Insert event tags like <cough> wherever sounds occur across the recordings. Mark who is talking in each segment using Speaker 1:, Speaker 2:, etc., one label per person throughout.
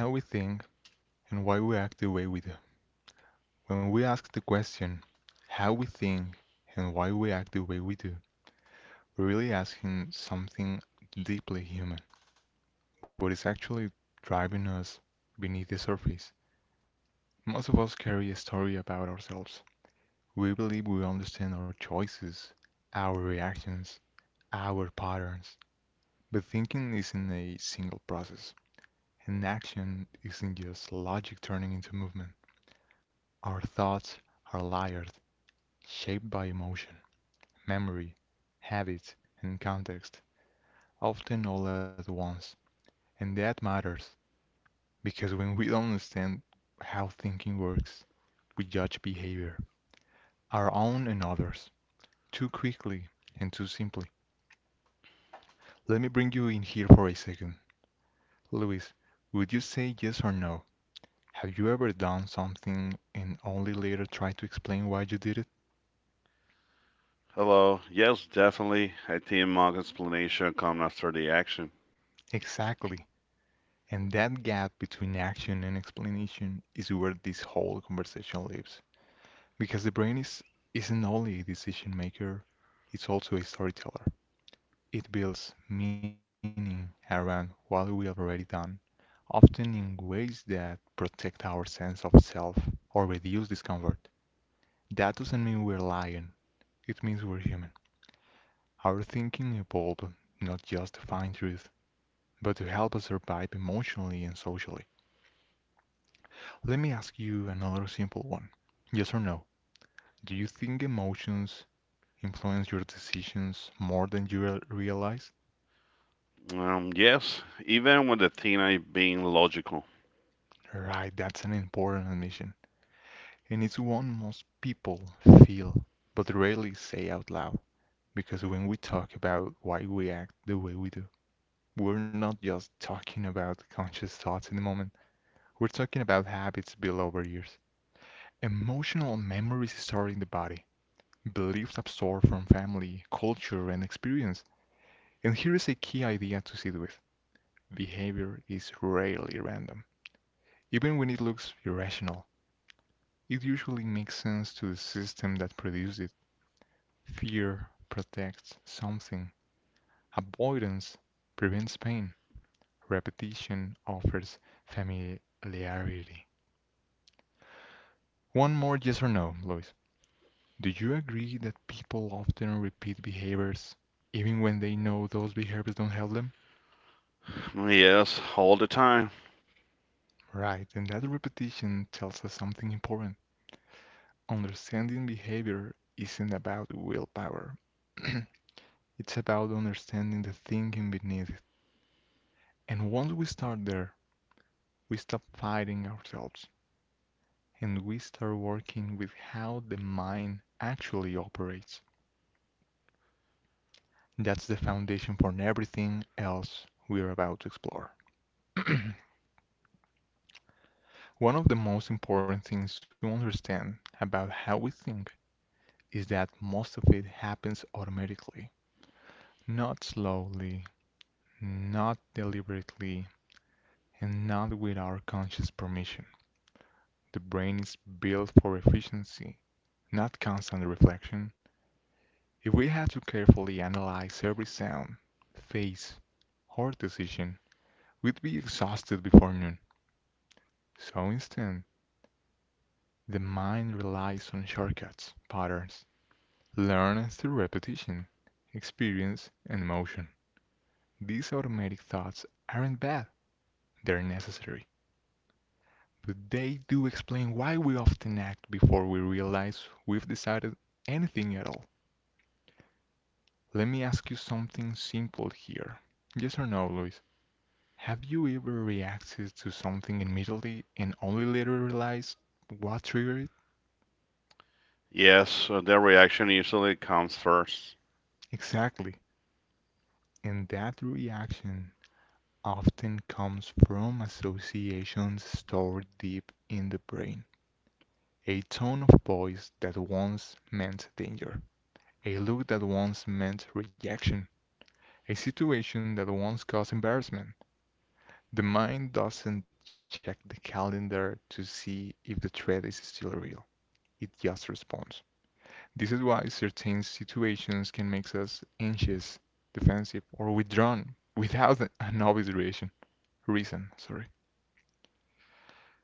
Speaker 1: How we think and why we act the way we do. When we ask the question, how we think and why we act the way we do, we're really asking something deeply human, what is actually driving us beneath the surface. Most of us carry a story about ourselves. We believe we understand our choices, our reactions, our patterns. But thinking isn't a single process, and action isn't just logic turning into movement. Our thoughts are layered shaped by emotion, memory, habits, and context, often all at once. And that matters because when we don't understand how thinking works, we judge behavior, our own and others, too quickly and too simply. Let me bring you in here for a second. Luis, would you say yes or no? Have you ever done something and only later tried to explain why you did it?
Speaker 2: Hello. Yes, definitely. I think Mog's explanation comes after the action.
Speaker 1: Exactly. And that gap between action and explanation is where this whole conversation lives. Because isn't only a decision maker, it's also a storyteller. It builds meaning around what we have already done, often in ways that protect our sense of self or reduce discomfort. That doesn't mean we're lying, it means we're human. Our thinking evolved not just to find truth, but to help us survive emotionally and socially. Let me ask you another simple one. Yes or no? Do you think emotions influence your decisions more than you realize?
Speaker 2: Yes, even with the Tina being logical.
Speaker 1: Right, that's an important admission. And it's one most people feel but rarely say out loud. Because when we talk about why we act the way we do, we're not just talking about conscious thoughts in the moment, we're talking about habits built over years. Emotional memories stored in the body, beliefs absorbed from family, culture, and experience. And here is a key idea to sit with. Behavior is rarely random. Even when it looks irrational, it usually makes sense to the system that produced it. Fear protects something. Avoidance prevents pain. Repetition offers familiarity. One more yes or no, Lois. Do you agree that people often repeat behaviors even when they know those behaviors don't help them?
Speaker 2: Yes, all the time.
Speaker 1: Right, and that repetition tells us something important. Understanding behavior isn't about willpower. <clears throat> It's about understanding the thinking beneath it. And once we start there, we stop fighting ourselves and we start working with how the mind actually operates. That's the foundation for everything else we are about to explore. <clears throat> One of the most important things to understand about how we think is that most of it happens automatically, not slowly, not deliberately, and not with our conscious permission. The brain is built for efficiency, not constant reflection. If we had to carefully analyze every sound, face, or decision, we'd be exhausted before noon. So instead, the mind relies on shortcuts, patterns, learned through repetition, experience, and emotion. These automatic thoughts aren't bad, they're necessary. But they do explain why we often act before we realize we've decided anything at all. Let me ask you something simple here. Yes or no, Luis? Have you ever reacted to something immediately and only later realized what triggered it?
Speaker 2: Yes, the reaction usually comes first.
Speaker 1: Exactly. And that reaction often comes from associations stored deep in the brain. A tone of voice that once meant danger, a look that once meant rejection. A situation that once caused embarrassment. The mind doesn't check the calendar to see if the threat is still real. It just responds. This is why certain situations can make us anxious, defensive, or withdrawn without <laughs> an obvious reason. Reason, sorry.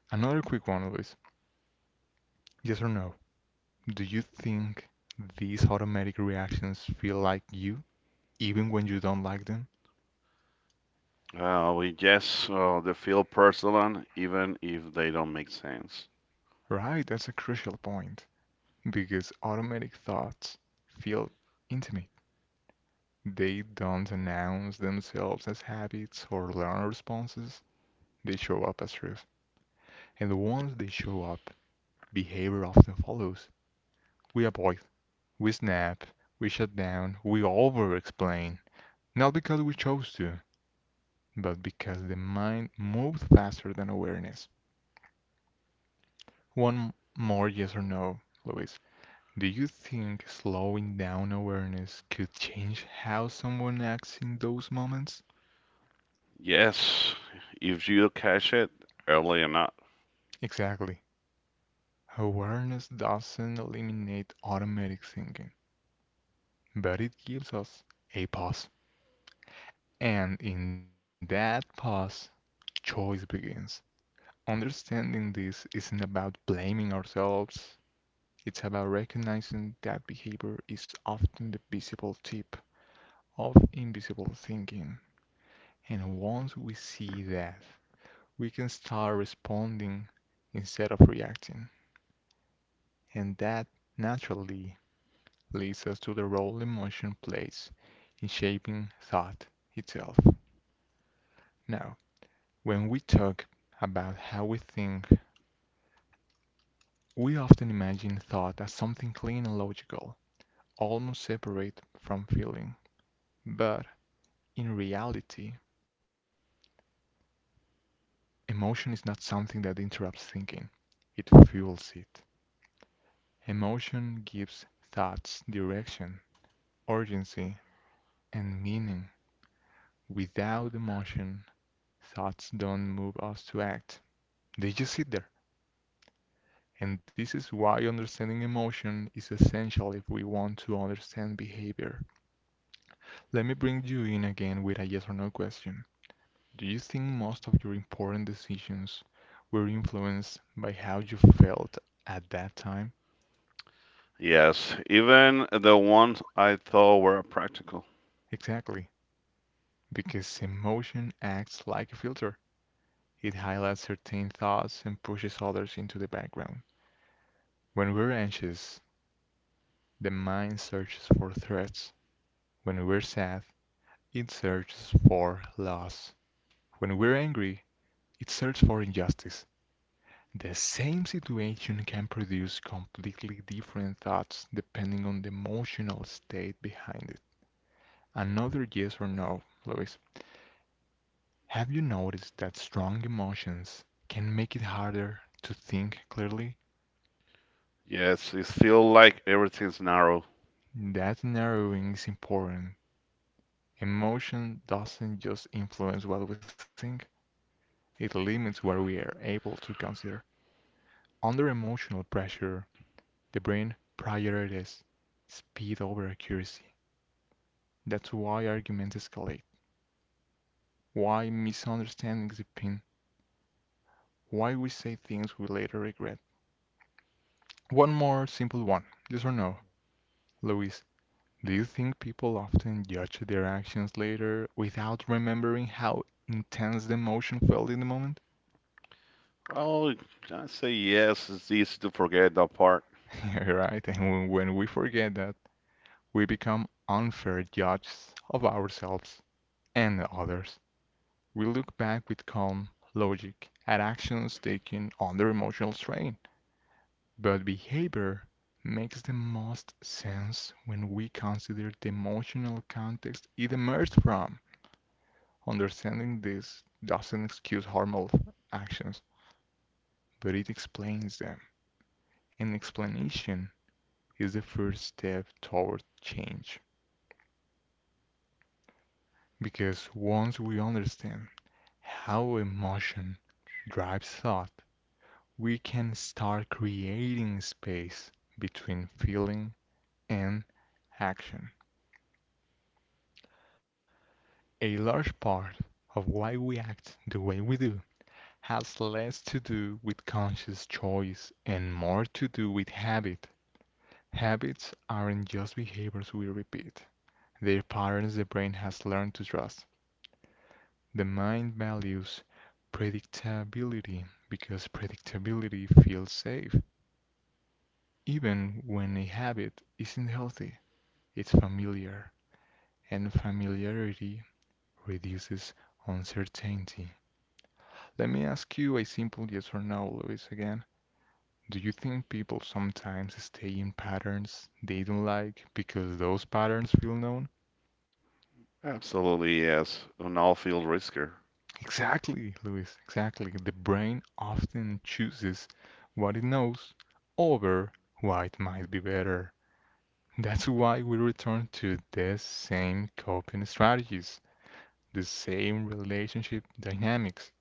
Speaker 1: Another quick one, Luis. Yes or no? Do you think these automatic reactions feel like you, even when you don't like them?
Speaker 2: We Yes, they feel personal even if they don't make sense.
Speaker 1: Right, that's a crucial point. Because automatic thoughts feel intimate. They don't announce themselves as habits or learned responses, they show up as truth. And once they show up, behavior often follows. We avoid, we snap, we shut down, we over explain. Not because we chose to, but because the mind moves faster than awareness. One more yes or no, Luis. Do you think slowing down awareness could change how someone acts in those moments?
Speaker 2: Yes, if you catch it early enough.
Speaker 1: Exactly. Awareness doesn't eliminate automatic thinking, but it gives us a pause. And in that pause, choice begins. Understanding this isn't about blaming ourselves, it's about recognizing that behavior is often the visible tip of invisible thinking. And once we see that, we can start responding instead of reacting. And that naturally leads us to the role emotion plays in shaping thought itself. Now, when we talk about how we think, we often imagine thought as something clean and logical, almost separate from feeling. But in reality, emotion is not something that interrupts thinking, it fuels it. Emotion gives thoughts direction, urgency, and meaning. Without emotion, thoughts don't move us to act. They just sit there. And this is why understanding emotion is essential if we want to understand behavior. Let me bring you in again with a yes or no question. Do you think most of your important decisions were influenced by how you felt at that time?
Speaker 2: Yes, even the ones I thought were practical.
Speaker 1: Exactly, because emotion acts like a filter. It highlights certain thoughts and pushes others into the background. When we're anxious, the mind searches for threats. When we're sad, it searches for loss. When we're angry, it searches for injustice. The same situation can produce completely different thoughts depending on the emotional state behind it. Another yes or no, Luis. Have you noticed that strong emotions can make it harder to think clearly?
Speaker 2: Yes, it feels like everything's narrow.
Speaker 1: That narrowing is important. Emotion doesn't just influence what we think, it limits what we are able to consider. Under emotional pressure, the brain prioritizes speed over accuracy. That's why arguments escalate, why misunderstandings deepen, why we say things we later regret. One more simple one, yes or no? Luis, do you think people often judge their actions later without remembering how intense the emotion felt in the moment?
Speaker 2: Oh, I say yes. It's easy to forget that part.
Speaker 1: <laughs> Yeah, right. And when we forget that, we become unfair judges of ourselves and the others, we look back with calm logic at actions taken under emotional strain. But behavior makes the most sense when we consider the emotional context it emerged from. Understanding this doesn't excuse harmful actions, but it explains them. An explanation is the first step toward change. Because once we understand how emotion drives thought, we can start creating space between feeling and action. A large part of why we act the way we do has less to do with conscious choice and more to do with habit. Habits aren't just behaviors we repeat, they're patterns the brain has learned to trust. The mind values predictability because predictability feels safe, even when a habit isn't healthy. It's familiar, and familiarity reduces uncertainty. Let me ask you a simple yes or no, Luis, again. Do you think people sometimes stay in patterns they don't like because those patterns feel known?
Speaker 2: Absolutely yes. An all-field risker.
Speaker 1: Exactly, Luis, exactly. The brain often chooses what it knows over what it might be better. That's why we return to the same coping strategies, the same relationship dynamics,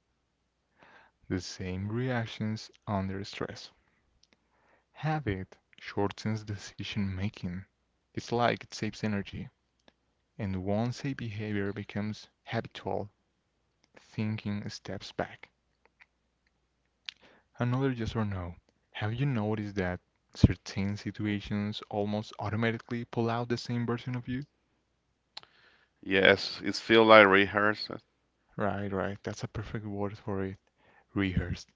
Speaker 1: the same reactions under stress. Habit shortens decision-making. It's like it saves energy, and once a behavior becomes habitual, thinking steps back. Another yes or no. Have you noticed that certain situations almost automatically pull out the same version of you?
Speaker 2: Yes, it's feel like rehearsed.
Speaker 1: Right, that's a perfect word for it. Rehearsed.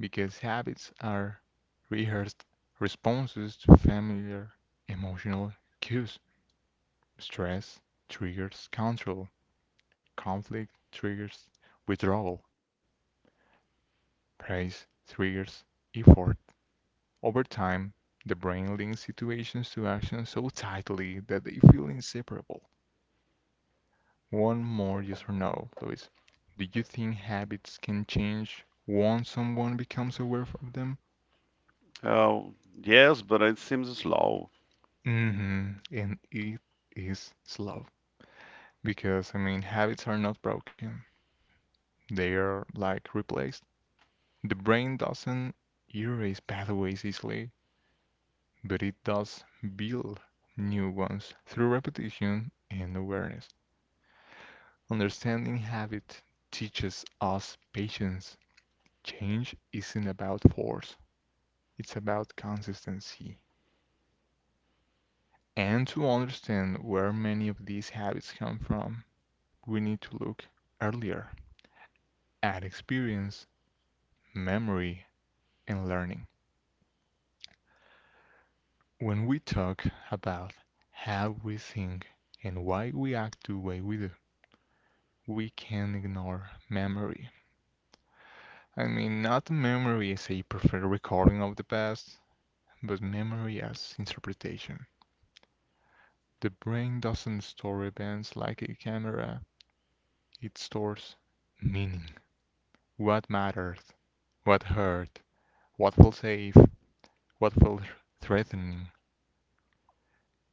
Speaker 1: Because habits are rehearsed responses to familiar emotional cues. Stress triggers control, conflict triggers withdrawal, praise triggers effort. Over time, the brain links situations to actions so tightly that they feel inseparable. One more yes or no, Luis. Do you think habits can change once someone becomes aware of them?
Speaker 2: Oh, yes, but it seems slow.
Speaker 1: Mm hmm And it is slow because habits are not broken. They are like replaced. The brain doesn't erase pathways easily, but it does build new ones through repetition and awareness. Understanding habit teaches us patience. Change isn't about force, it's about consistency. And to understand where many of these habits come from, we need to look earlier at experience, memory, and learning. When we talk about how we think and why we act the way we do, we can't ignore memory. Not memory as a preferred recording of the past, but memory as interpretation. The brain doesn't store events like a camera, it stores meaning. What mattered, what hurt, what felt safe, what felt threatening,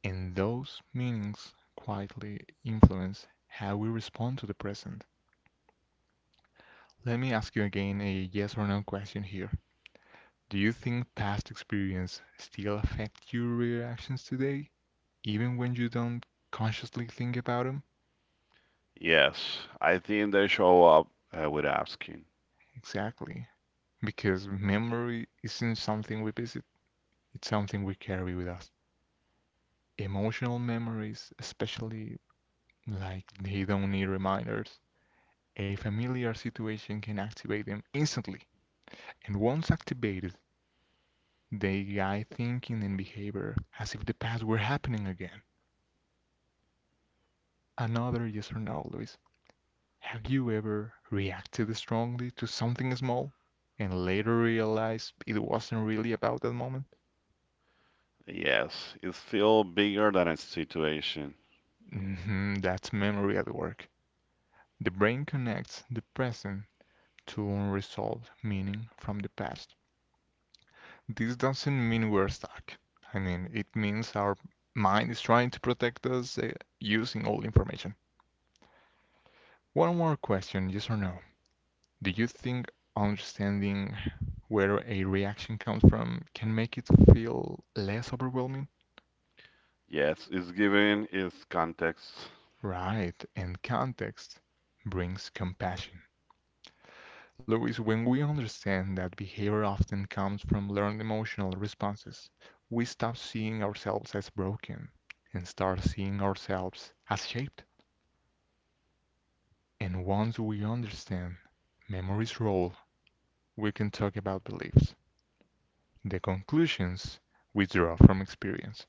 Speaker 1: and those meanings quietly influence how we respond to the present. Let me ask you again a yes or no question here. Do you think past experience still affect your reactions today, even when you don't consciously think about them?
Speaker 2: Yes, I think they show up with asking.
Speaker 1: Exactly. Because memory isn't something we visit, it's something we carry with us. Emotional memories, especially, like they don't need reminders. A familiar situation can activate them instantly, and once activated, they guide thinking and behavior as if the past were happening again. Another yes or no, Luis. Have you ever reacted strongly to something small and later realized it wasn't really about that moment?
Speaker 2: Yes, it feel bigger than its situation.
Speaker 1: Hmm, that's memory at work. The brain connects the present to unresolved meaning from the past. This doesn't mean we're stuck. I mean, it means our mind is trying to protect us using old information. One more question, yes or no? Do you think understanding where a reaction comes from can make it feel less overwhelming?
Speaker 2: Yes, it's given its context.
Speaker 1: Right, and context brings compassion. Louis, when we understand that behavior often comes from learned emotional responses, we stop seeing ourselves as broken and start seeing ourselves as shaped. And once we understand memory's role, we can talk about beliefs, the conclusions we draw from experience.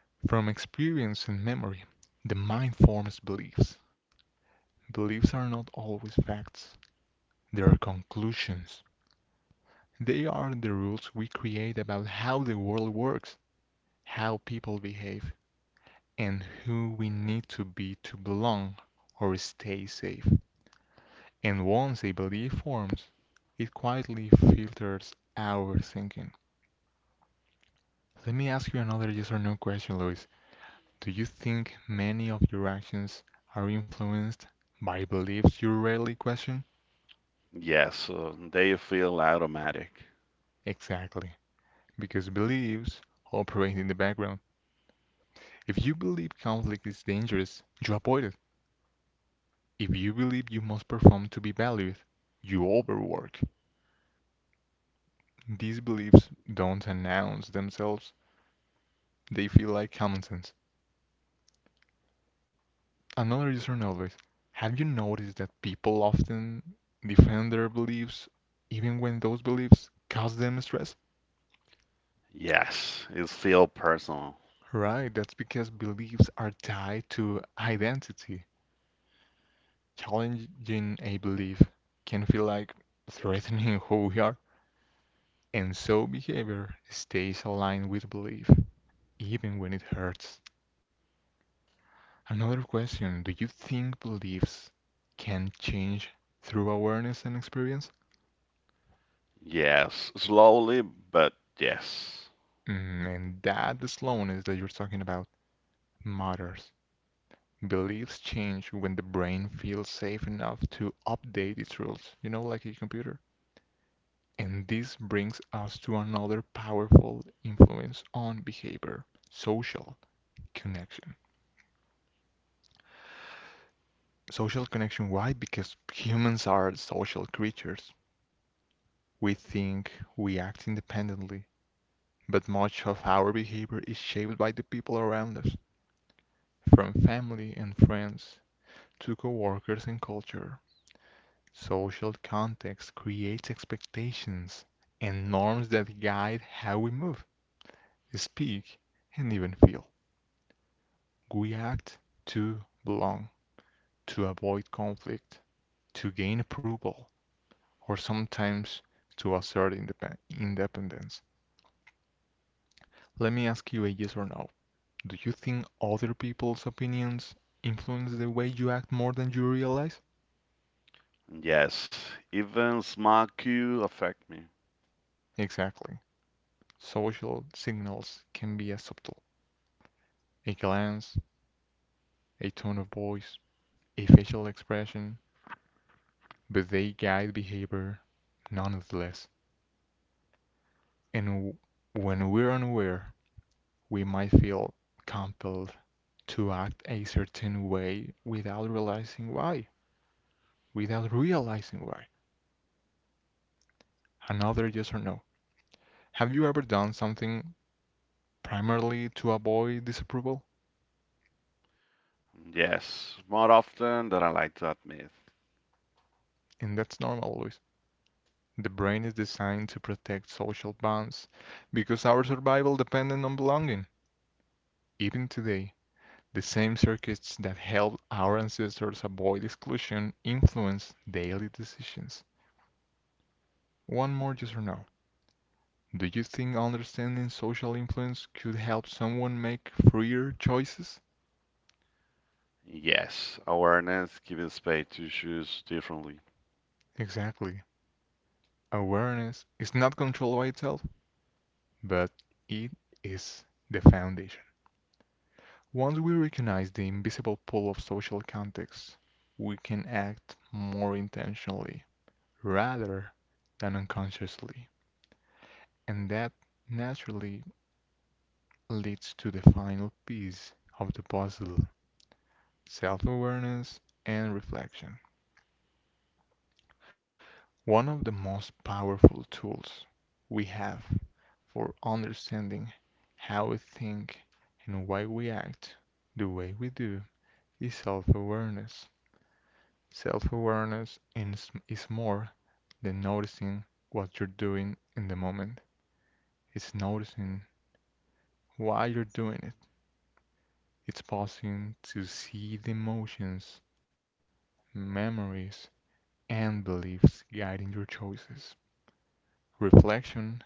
Speaker 1: From experience and memory the mind forms beliefs. Beliefs are not always facts. They are conclusions. They are the rules we create about how the world works, how people behave, and who we need to be to belong or stay safe. And once a belief forms, it quietly filters our thinking. Let me ask you another yes or no question, Luis. Do you think many of your actions are influenced by beliefs you rarely question?
Speaker 2: Yes, they feel automatic.
Speaker 1: Exactly, because beliefs operate in the background. If you believe conflict is dangerous, you avoid it. If you believe you must perform to be valued, you overwork. These beliefs don't announce themselves, they feel like common sense. Another user notice. Have you noticed that people often defend their beliefs even when those beliefs cause them stress?
Speaker 2: Yes, it feel personal.
Speaker 1: Right, that's because beliefs are tied to identity. Challenging a belief can feel like threatening <laughs> who we are, and so behavior stays aligned with belief, even when it hurts. Another question, do you think beliefs can change through awareness and experience?
Speaker 2: Yes, slowly, but yes.
Speaker 1: Mm, and that slowness that you're talking about matters. Beliefs change when the brain feels safe enough to update its rules, you know, like a computer. And this brings us to another powerful influence on behavior: social connection. Social connection, why? Because humans are social creatures. We think, we act independently, but much of our behavior is shaped by the people around us, from family and friends to coworkers and culture. Social context creates expectations and norms that guide how we move, speak, and even feel. We act to belong, to avoid conflict, to gain approval, or sometimes to assert independence. Let me ask you a yes or no. Do you think other people's opinions influence the way you act more than you realize?
Speaker 2: Yes, even small cues affect me.
Speaker 1: Exactly. Social signals can be as subtle. A glance, a tone of voice, a facial expression, but they guide behavior nonetheless. And when we're unaware we might feel compelled to act a certain way without realizing why, without realizing why. Another yes or no. Have you ever done something primarily to avoid disapproval?
Speaker 2: Yes, more often than I like to admit.
Speaker 1: And that's normal, Luis. The brain is designed to protect social bonds because our survival depended on belonging. Even today, the same circuits that helped our ancestors avoid exclusion influence daily decisions. One more yes or no. Do you think understanding social influence could help someone make freer choices?
Speaker 2: Yes, awareness gives space to choose differently.
Speaker 1: Exactly. Awareness is not control by itself, but it is the foundation. Once we recognize the invisible pull of social context, we can act more intentionally rather than unconsciously. And that naturally leads to the final piece of the puzzle: self awareness and reflection. One of the most powerful tools we have for understanding how we think and why we act the way we do is self-awareness. Self-awareness is more than noticing what you're doing in the moment. It's noticing why you're doing it. It's pausing to see the emotions, memories, and beliefs guiding your choices. Reflection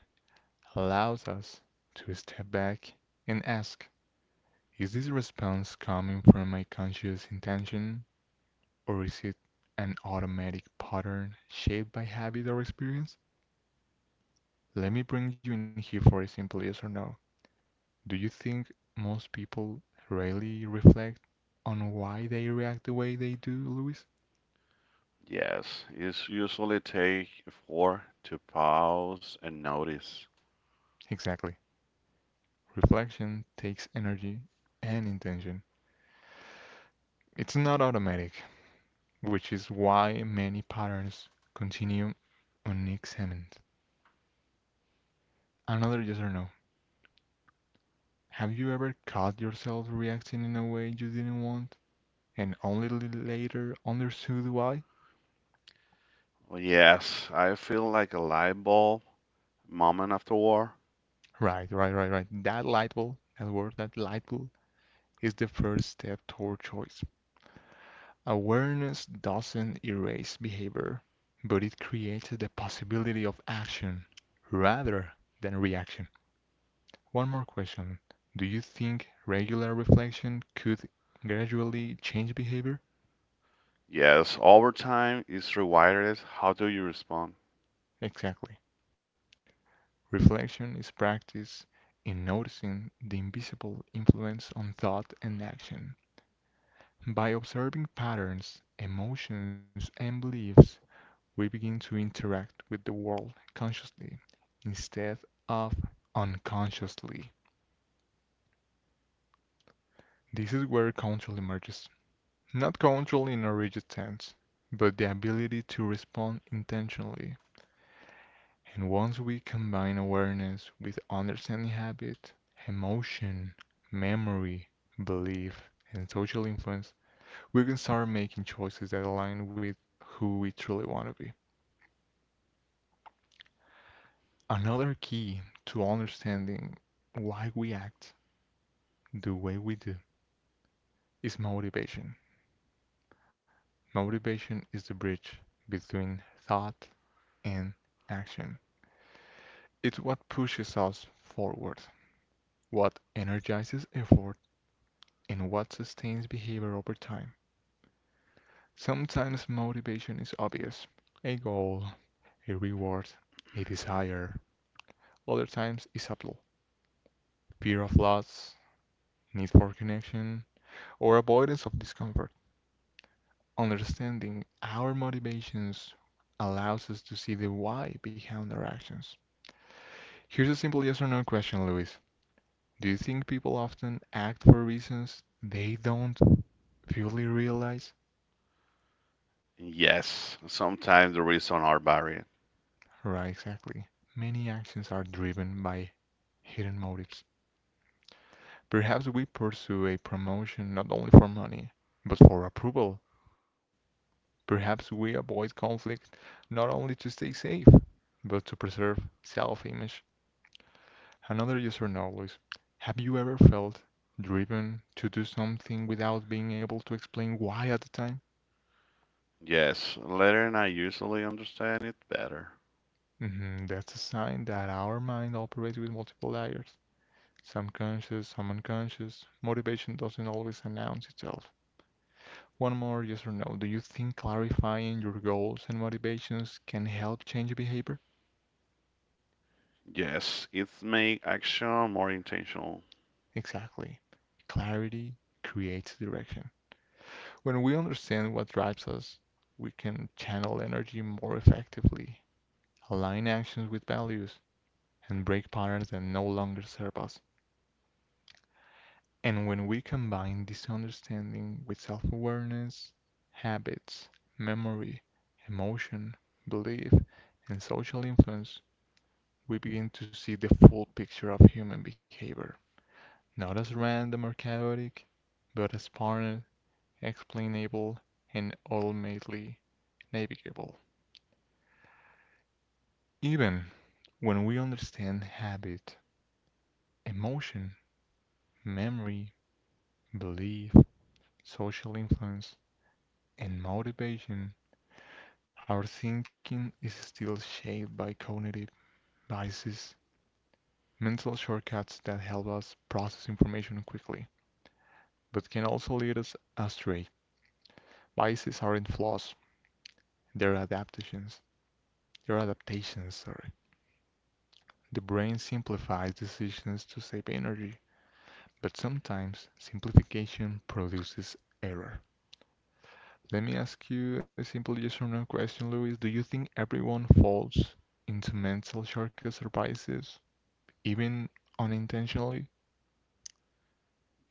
Speaker 1: allows us to step back and ask, is this response coming from my conscious intention or is it an automatic pattern shaped by habit or experience? Let me bring you in here for a simple yes or no. Do you think most people really reflect on why they react the way they do, Luis?
Speaker 2: Yes, it usually take four to pause and notice.
Speaker 1: Exactly. Reflection takes energy and intention. It's not automatic, which is why many patterns continue unexamined. Another yes or no. Have you ever caught yourself reacting in a way you didn't want and only later understood why?
Speaker 2: Yes, I feel like a light bulb moment after war.
Speaker 1: Right, right, right, right. That light bulb, that word, that light bulb is the first step toward choice. Awareness doesn't erase behavior, but it creates the possibility of action rather than reaction. One more question. Do you think regular reflection could gradually change behavior?
Speaker 2: Yes, over time is rewarded. How do you respond?
Speaker 1: Exactly. Reflection is practice in noticing the invisible influence on thought and action. By observing patterns, emotions, and beliefs, we begin to interact with the world consciously instead of unconsciously. This is where control emerges. Not control in a rigid sense, but the ability to respond intentionally. And once we combine awareness with understanding habit, emotion, memory, belief, and social influence, we can start making choices that align with who we truly want to be. Another key to understanding why we act the way we do is motivation. Motivation is the bridge between thought and action. It's what pushes us forward, what energizes effort, and what sustains behavior over time. Sometimes motivation is obvious: a goal, a reward, a desire. Other times it's subtle: fear of loss, need for connection, or avoidance of discomfort. Understanding our motivations allows us to see the why behind our actions. Here's a simple yes or no question, Luis. Do you think people often act for reasons they don't fully realize?
Speaker 2: Yes, sometimes the reasons are varied.
Speaker 1: Right, exactly. Many actions are driven by hidden motives. Perhaps we pursue a promotion not only for money, but for approval. Perhaps we avoid conflict not only to stay safe, but to preserve self-image. Another user knows. Have you ever felt driven to do something without being able to explain why at the time?
Speaker 2: Yes, later and I usually understand it better.
Speaker 1: Mhm, that's a sign that our mind operates with multiple layers. It's unconscious, some unconscious. Motivation doesn't always announce itself. One more yes or no. Do you think clarifying your goals and motivations can help change behavior?
Speaker 2: Yes, it make action more intentional.
Speaker 1: Exactly. Clarity creates direction. When we understand what drives us, we can channel energy more effectively, align actions with values, and break patterns that no longer serve us. And when we combine this understanding with self awareness, habits, memory, emotion, belief, and social influence, we begin to see the full picture of human behavior, not as random or chaotic, but as partnered, explainable, and ultimately navigable. Even when we understand habit, emotion, memory, belief, social influence, and motivation, our thinking is still shaped by cognitive biases, mental shortcuts that help us process information quickly, but can also lead us astray. Biases aren't flaws, they're adaptations. They're adaptations, sorry. The brain simplifies decisions to save energy, but sometimes simplification produces error. Let me ask you a simple yes or no question, Luis. Do you think everyone falls into mental shortcuts or biases, even unintentionally?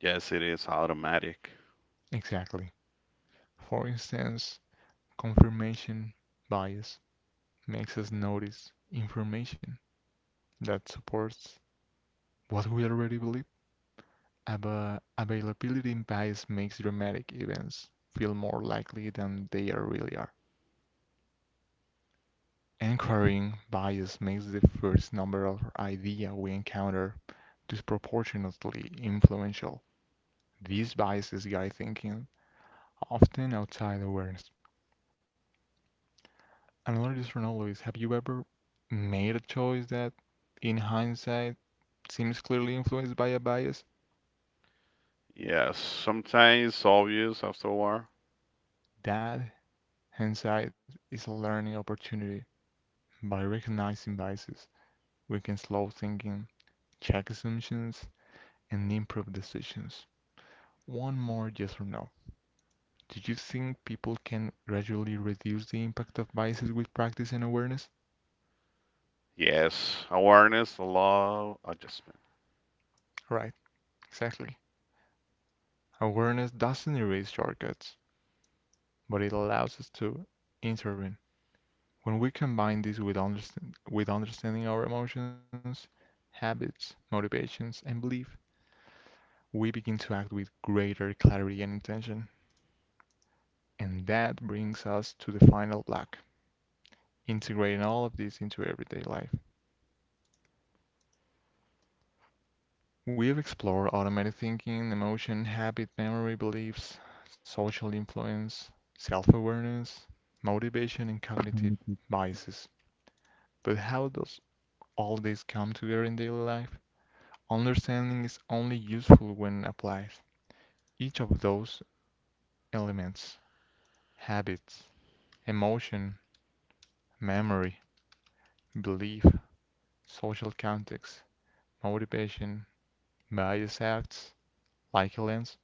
Speaker 2: Yes, it is automatic.
Speaker 1: Exactly. For instance, confirmation bias makes us notice information that supports what we already believe. Availability bias makes dramatic events feel more likely than they are really are. Anchoring bias makes the first number or idea we encounter disproportionately influential. These biases guide thinking, often outside awareness. Another user now is, have you ever made a choice that, in hindsight, seems clearly influenced by a bias?
Speaker 2: Yes, sometimes obvious after a while.
Speaker 1: That hindsight is a learning opportunity. By recognizing biases, we can slow thinking, check assumptions, and improve decisions. One more yes or no. Do you think people can gradually reduce the impact of biases with practice and awareness?
Speaker 2: Yes, awareness, allow adjustment.
Speaker 1: Right, exactly. Awareness doesn't erase shortcuts, but it allows us to intervene. When we combine this with, understand, with understanding our emotions, habits, motivations, and belief, we begin to act with greater clarity and intention. And that brings us to the final block, integrating all of this into everyday life. We have explored automatic thinking, emotion, habit, memory, beliefs, social influence, self awareness, motivation, and cognitive biases. But how does all this come together in daily life? Understanding is only useful when applied. Each of those elements, habits, emotion, memory, belief, social context, motivation, bias, acts like a lens.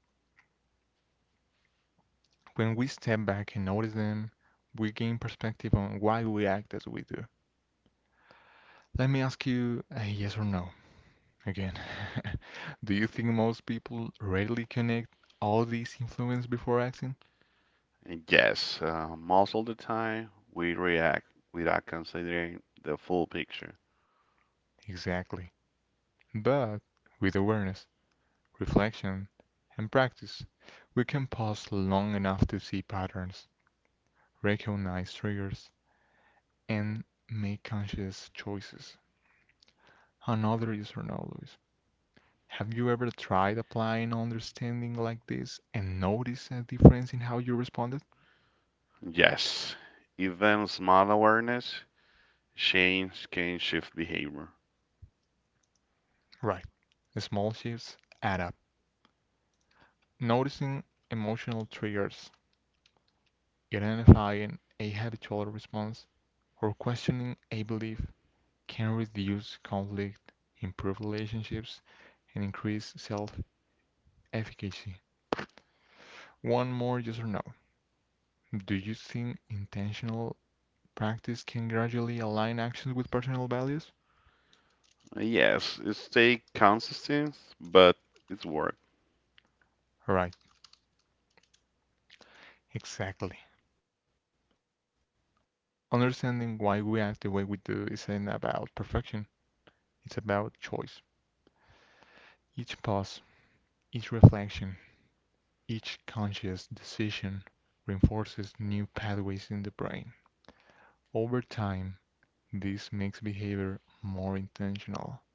Speaker 1: When we step back and notice them, we gain perspective on why we act as we do. Let me ask you a yes or no again. <laughs> Do you think most people readily connect all these influences before acting?
Speaker 2: And yes, most of the time we react without considering the full picture.
Speaker 1: Exactly. But with awareness, reflection, and practice, we can pause long enough to see patterns, recognize triggers, and make conscious choices. Another user note, Luis. Have you ever tried applying understanding like this and noticed a difference in how you responded?
Speaker 2: Yes, even small awareness change can shift behavior.
Speaker 1: Right. The small shifts add up. Noticing emotional triggers, identifying a habitual response, or questioning a belief can reduce conflict, improve relationships, and increase self-efficacy. One more yes or no. Do you think intentional practice can gradually align actions with personal values?
Speaker 2: Yes, it stay consistent, but it's work.
Speaker 1: Right, exactly. Understanding why we act the way we do isn't about perfection, it's about choice. Each pause, each reflection, each conscious decision reinforces new pathways in the brain. Over time, this makes behavior more intentional,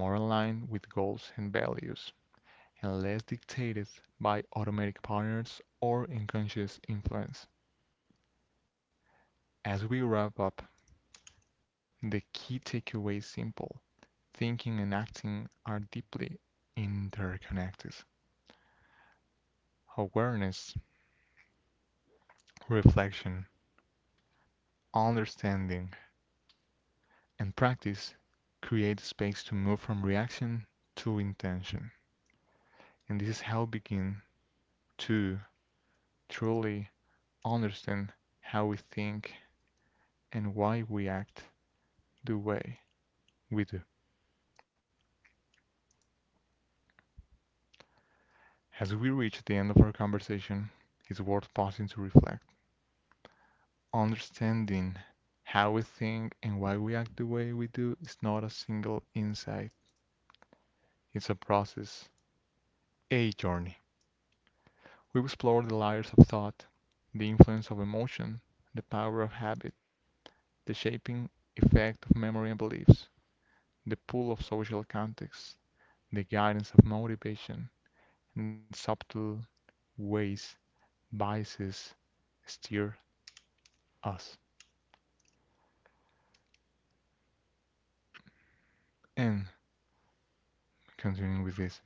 Speaker 1: more aligned with goals and values. Unless dictated by automatic patterns or unconscious influence. As we wrap up, the key takeaway is simple. Thinking and acting are deeply interconnected. Awareness, reflection, understanding, and practice create space to move from reaction to intention. And this is how we begin to truly understand how we think and why we act the way we do. As we reach the end of our conversation, it's worth pausing to reflect. Understanding how we think and why we act the way we do is not a single insight, it's a process, a journey. We've explored the layers of thought, the influence of emotion, the power of habit, the shaping effect of memory and beliefs, the pull of social context, the guidance of motivation, and subtle ways biases steer us. And continuing with this,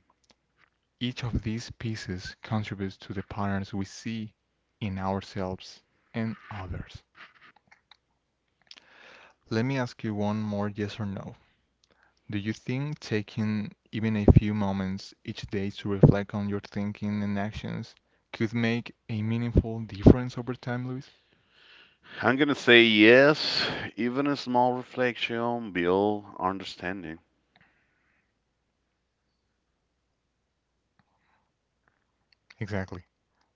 Speaker 1: each of these pieces contributes to the patterns we see in ourselves and others. Let me ask you one more yes or no. Do you think taking even a few moments each day to reflect on your thinking and actions could make a meaningful difference over time, Luis?
Speaker 2: I'm gonna say yes, even a small reflection build understanding.
Speaker 1: Exactly. Awareness is cumulative.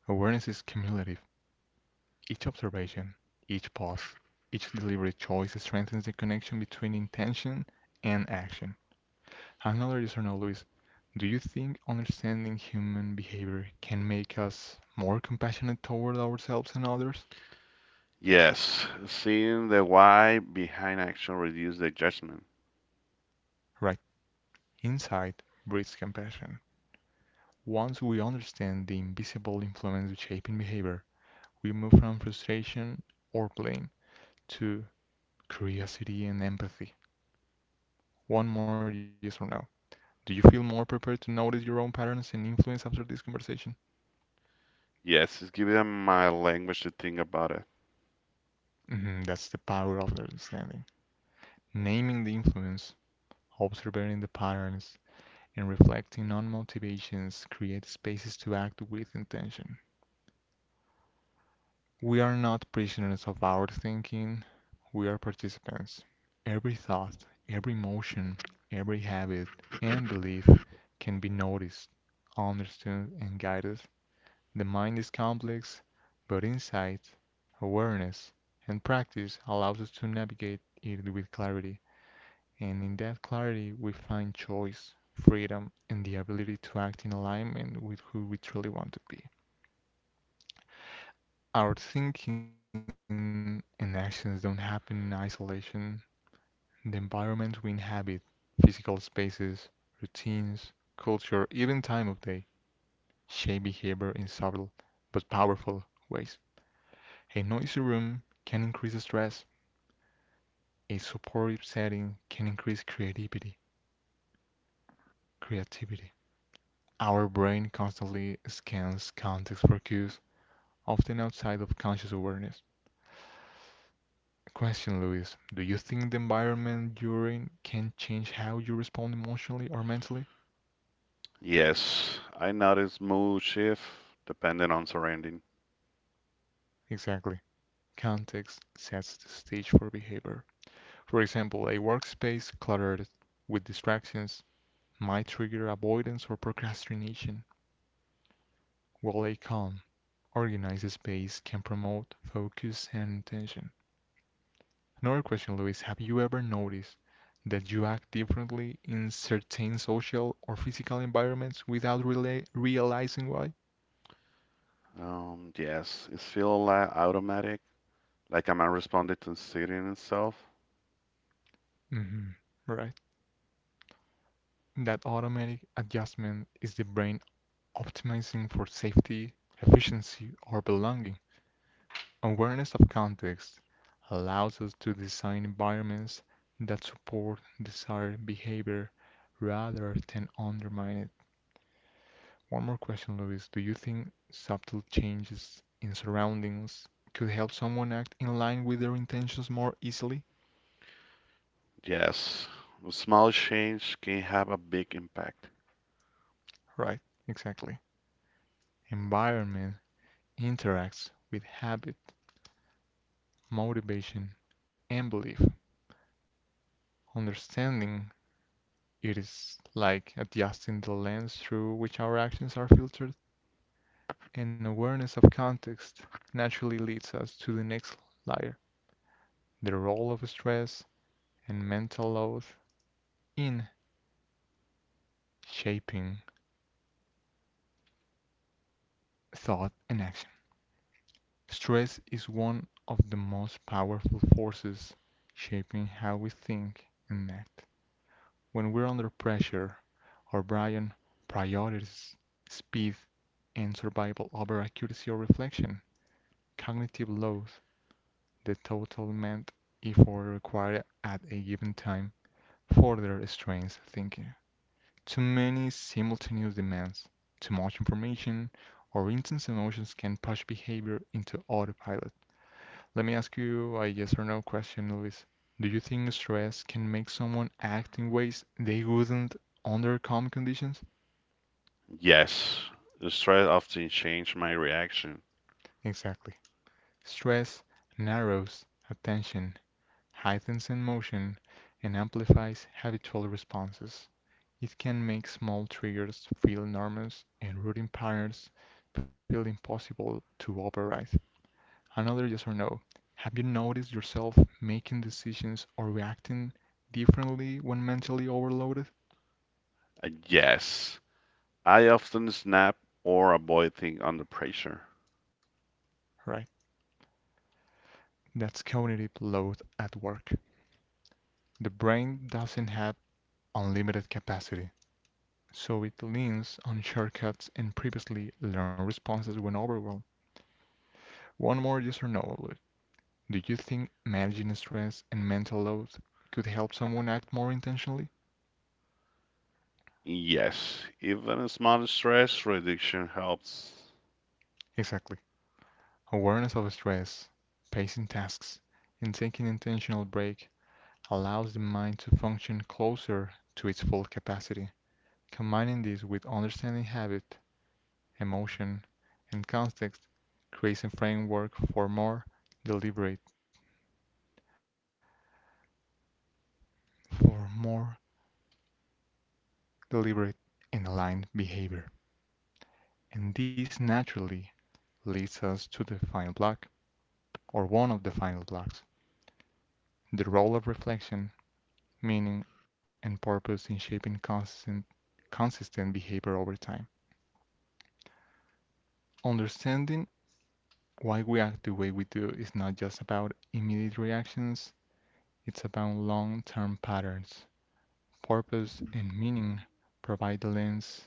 Speaker 1: Each observation, each pause, each deliberate choice strengthens the connection between intention and action. Another yes or no, Luis. Do you think understanding human behavior can make us more compassionate toward ourselves and others?
Speaker 2: Yes, seeing the why behind action reduces the judgment.
Speaker 1: Right. Insight breeds compassion. Once we understand the invisible influence shaping behavior, we move from frustration or blame to curiosity and empathy. One more yes or no. Do you feel more prepared to notice your own patterns and influence after this conversation?
Speaker 2: Yes, it's giving them my language to think about it.
Speaker 1: Mhm, that's the power of understanding. Naming the influence, observing the patterns, and reflecting on motivations create spaces to act with intention. We are not prisoners of our thinking, we are participants. Every thought, every emotion, every habit, and belief can be noticed, understood, and guided. The mind is complex, but insight, awareness, and practice allows us to navigate it with clarity. And in that clarity we find choice, freedom, and the ability to act in alignment with who we truly want to be. Our thinking and actions don't happen in isolation. The environment we inhabit, physical spaces, routines, culture, even time of day, shape behavior in subtle but powerful ways. A noisy room can increase stress. A supportive setting can increase creativity. Creativity. Our brain constantly scans context for cues often outside of conscious awareness. Question, Luis: do you think the environment you're in can change how you respond emotionally or mentally?
Speaker 2: Yes, I notice mood shift depending on surrounding.
Speaker 1: Exactly. Context sets the stage for behavior. For example, a workspace cluttered with distractions might trigger avoidance or procrastination, while a calm, organized space can promote focus and intention. Another question, Luis. Have you ever noticed that you act differently in certain social or physical environments without rela realizing why?
Speaker 2: Yes, it feels like automatic, like I'm not responding to sitting itself.
Speaker 1: Hmm. Right. That automatic adjustment is the brain optimizing for safety, efficiency, or belonging. Awareness of context allows us to design environments that support desired behavior rather than undermine it. One more question, Luis. Do you think subtle changes in surroundings could help someone act in line with their intentions more easily?
Speaker 2: Yes, a small change can have a big impact.
Speaker 1: Right, exactly. Environment interacts with habit, motivation, and belief. Understanding it is like adjusting the lens through which our actions are filtered, and awareness of context naturally leads us to the next layer, the role of stress and mental load in shaping thought and action. Stress is one of the most powerful forces shaping how we think and act. When we're under pressure, our brain prioritizes speed and survival over accuracy or reflection. Cognitive load, the total mental effort required at a given time, further strains thinking. Too many simultaneous demands, too much information, or intense emotions can push behavior into autopilot. Let me ask you a yes or no question, Luis. Do you think stress can make someone act in ways they wouldn't under calm conditions?
Speaker 2: Yes, the stress often change my reaction.
Speaker 1: Exactly. Stress narrows attention, heightens emotion, and amplifies habitual responses. It can make small triggers feel enormous and routine patterns feel impossible to override. Another yes or no. Have you noticed yourself making decisions or reacting differently when mentally overloaded?
Speaker 2: Yes. I often snap or avoid things under pressure.
Speaker 1: Right. That's cognitive load at work. The brain doesn't have unlimited capacity, so it leans on shortcuts and previously learned responses when overwhelmed. One more yes or no. Do you think managing stress and mental load could help someone act more intentionally?
Speaker 2: Yes. Even a small stress reduction helps.
Speaker 1: Exactly. Awareness of stress, pacing tasks, and taking an intentional break allows the mind to function closer to its full capacity. Combining this with understanding habit emotion, and context creates a framework for more deliberate for more deliberate and aligned behavior. And this naturally leads us to the final block, or one of the final blocks, the role of reflection, meaning, and purpose in shaping consistent, behavior over time. Understanding why we act the way we do is not just about immediate reactions, it's about long term patterns purpose, and meaning provide the lens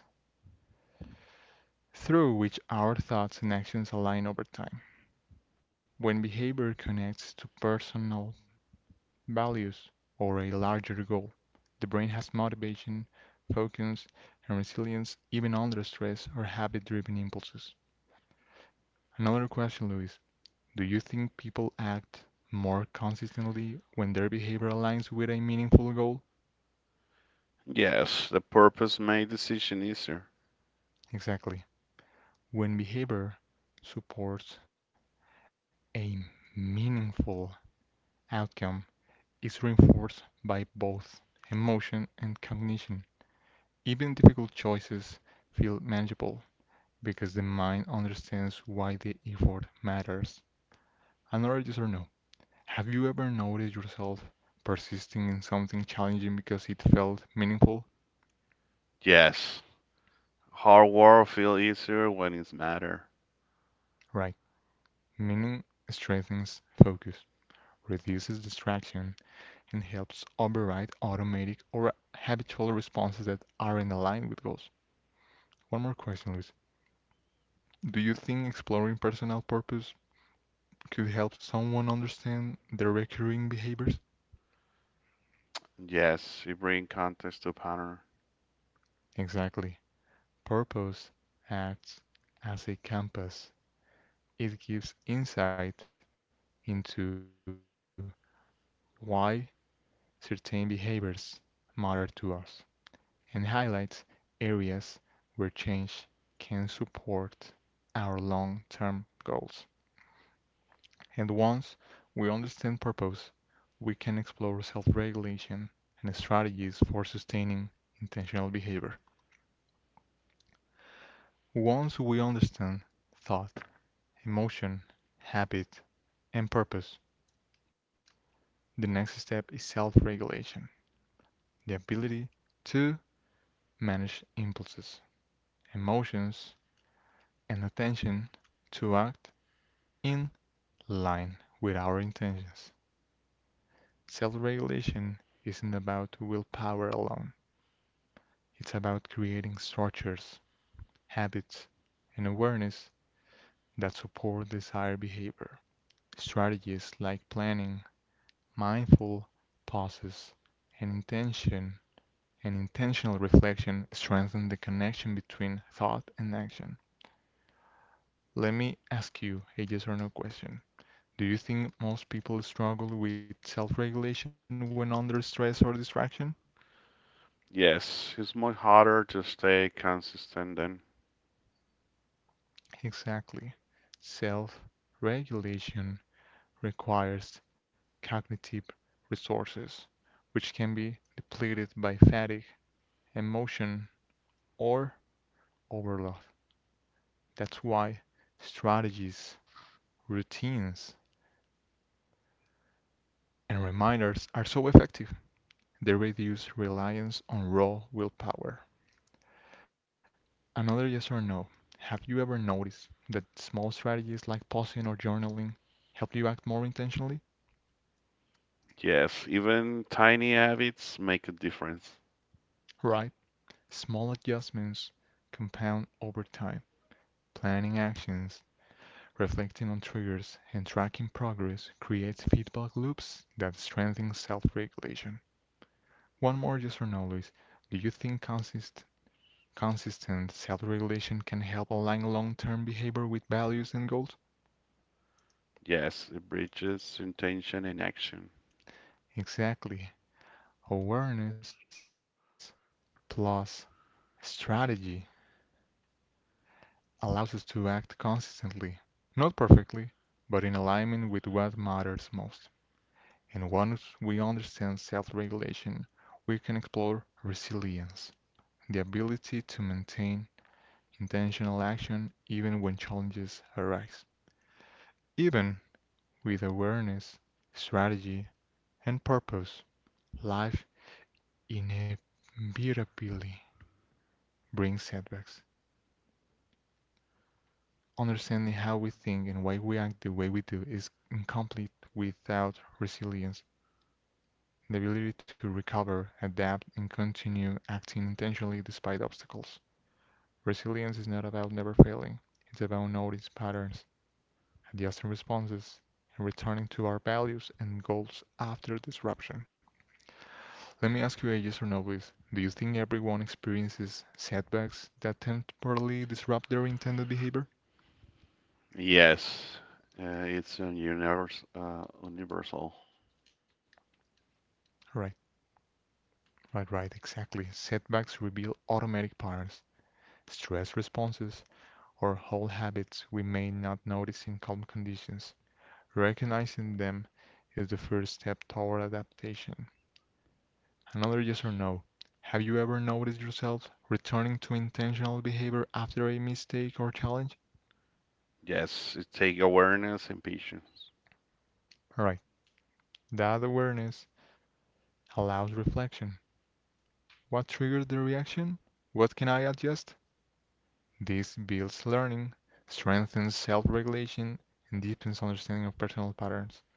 Speaker 1: through which our thoughts and actions align over time. When behavior connects to personal values or a larger goal, the brain has motivation, focus, and resilience even under stress or habit driven impulses. Another question, Luis: do you think people act more consistently when their behavior aligns with a meaningful goal?
Speaker 2: Yes. The purpose made decision easier.
Speaker 1: Exactly. When behavior supports a meaningful outcome is reinforced by both emotion and cognition. Even difficult choices feel manageable because the mind understands why the effort matters. Another user no. Have you ever noticed yourself persisting in something challenging because it felt meaningful?
Speaker 2: Yes. Hard work feel easier when it's matter.
Speaker 1: Right. Meaning strengthens focus, reduces distraction, and helps override automatic or habitual responses that aren't aligned with goals. One more question, Luis. Do you think exploring personal purpose could help someone understand their recurring behaviors?
Speaker 2: Yes. It bring context to pattern.
Speaker 1: Exactly. Purpose acts as a compass. It gives insight into why certain behaviors matter to us and highlights areas where change can support our long-term goals. And once we understand purpose, we can explore self-regulation and strategies for sustaining intentional behavior. Once we understand thought, emotion, habit, and purpose, the next step is self-regulation, the ability to manage impulses, emotions, and attention to act in line with our intentions. Self regulation isn't about willpower alone, it's about creating structures, habits, and awareness that support this higher behavior. Strategies like planning, mindful pauses, and intentional reflection strengthen the connection between thought and action. Let me ask you a yes or no question. Do you think most people struggle with self regulation when under stress or distraction?
Speaker 2: Yes. It's much harder to stay consistent than.
Speaker 1: Exactly. Self regulation requires cognitive resources which can be depleted by fatigue, emotion, or overload. That's why strategies, routines, and reminders are so effective. They reduce reliance on raw willpower. Another yes or no. Have you ever noticed that small strategies like pausing or journaling help you act more intentionally?
Speaker 2: Yes. Even tiny habits make a difference.
Speaker 1: Right? Small adjustments compound over time. Planning actions reflecting on triggers and tracking progress creates feedback loops that strengthen self-regulation. One more user notice. Do you think consistent self-regulation can help align long-term behavior with values and goals?
Speaker 2: Yes. It bridges intention and action.
Speaker 1: Exactly. Awareness plus strategy allows us to act consistently, not perfectly, but in alignment with what matters most. And once we understand self regulation, we can explore resilience, the ability to maintain intentional action even when challenges arise. Even with awareness, strategy, and purpose, life inevitably brings setbacks. Understanding how we think and why we act the way we do is incomplete without resilience, the ability to recover, adapt, and continue acting intentionally despite obstacles. Resilience is not about never failing, it's about noticing patterns, and the Austrian responses, is returning to our values and goals after disruption. Let me ask you a yes or no, please. Do you think everyone experiences setbacks that temporarily disrupt their intended behavior?
Speaker 2: Yes, universal.
Speaker 1: Right, right, exactly. Setbacks reveal automatic patterns, stress responses, or old habits we may not notice in calm conditions. Recognizing them is the first step toward adaptation. Another user note: have you ever noticed yourself returning to intentional behavior after a mistake or challenge?
Speaker 2: Yes, it take awareness and patience.
Speaker 1: All right, that awareness allows reflection. What triggered the reaction? What can I adjust? This builds learning, strengthens self regulation, and deepens understanding of personal patterns.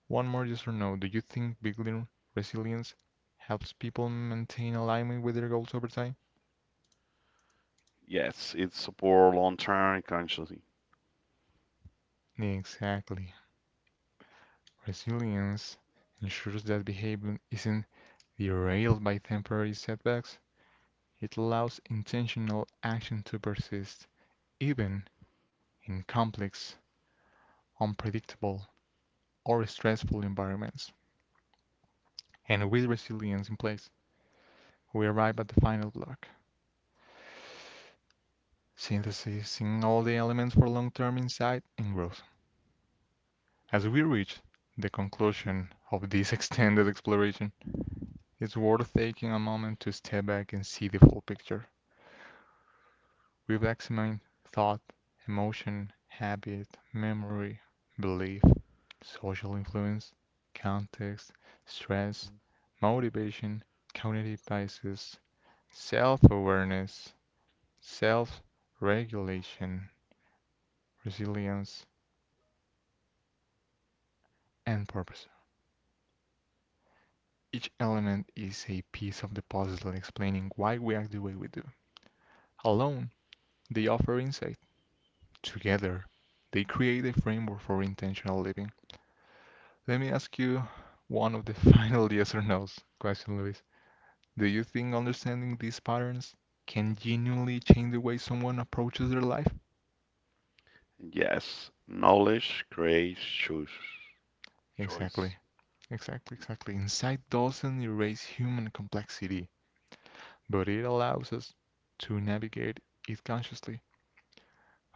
Speaker 1: One more user note: do you think building resilience helps people maintain alignment with their goals over time?
Speaker 2: Yes, it support long-term consciousness.
Speaker 1: Exactly. Resilience ensures that behavior isn't derailed by temporary setbacks, it allows intentional action to persist, even in complex, unpredictable, or stressful environments. And with resilience in place, we arrive at the final block synthesizing all the elements for long term insight and growth. As we reach the conclusion of this <laughs> extended exploration, it's worth taking a moment to step back and see the full picture. We have examined thought, emotion, habit, memory, belief, social influence, context, stress, motivation, cognitive biases, self-awareness, self-regulation, resilience, and purpose. Each element is a piece of the puzzle explaining why we act the way we do. Alone, they offer insight. Together, they create a framework for intentional living. Let me ask you one of the <laughs> final yes or no's question, Luis. Do you think understanding these patterns can genuinely change the way someone approaches their life?
Speaker 2: Yes, knowledge creates choice.
Speaker 1: Exactly,
Speaker 2: Choice.
Speaker 1: exactly. Insight doesn't erase human complexity, but it allows us to navigate it consciously.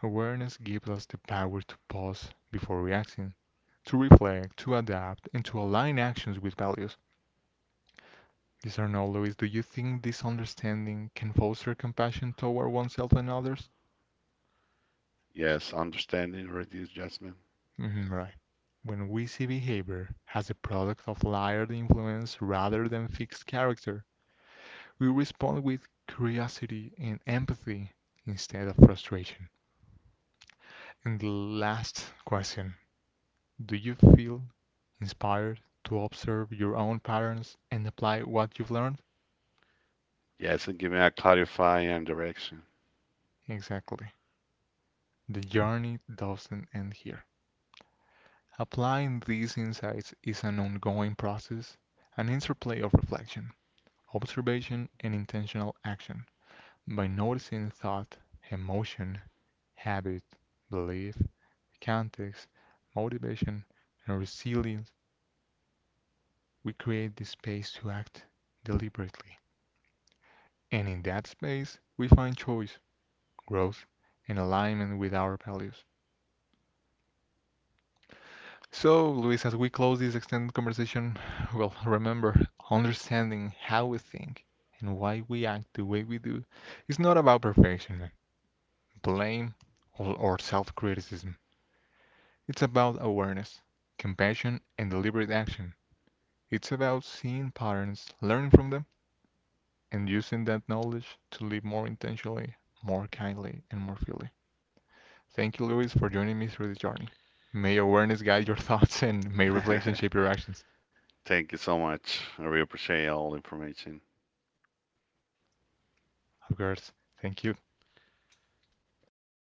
Speaker 1: Awareness gives us the power to pause before reacting, to reflect, to adapt, and to align actions with values. Discerning Louis, do you think this understanding can foster compassion toward oneself and others?
Speaker 2: Yes, understanding reduce judgment.
Speaker 1: Mhm, right. When we see behavior as a product of layered influence rather than fixed character, we respond with curiosity and empathy instead of frustration. And the last question, do you feel inspired to observe your own patterns and apply what you've learned?
Speaker 2: Yes, and giving a clarify and direction.
Speaker 1: Exactly. The journey doesn't end here. Applying these insights is an ongoing process, an interplay of reflection, observation, and intentional action. By noticing thought, emotion, habit, belief, context, motivation, and resilience, we create the space to act deliberately. And in that space, we find choice, growth, and alignment with our values. So, Luis, as we close this extended conversation, well, remember, understanding how we think and why we act the way we do is not about perfection, blame, or self criticism. It's about awareness, compassion, and deliberate action. It's about seeing patterns, learning from them, and using that knowledge to live more intentionally, more kindly, and more freely. Thank you, Luis, for joining me through this journey. May awareness guide your <laughs> thoughts and may
Speaker 2: <laughs>
Speaker 1: reflection shape your actions.
Speaker 2: Thank you so much. I really appreciate all the information.
Speaker 1: Of course. Thank you.
Speaker 2: Have a great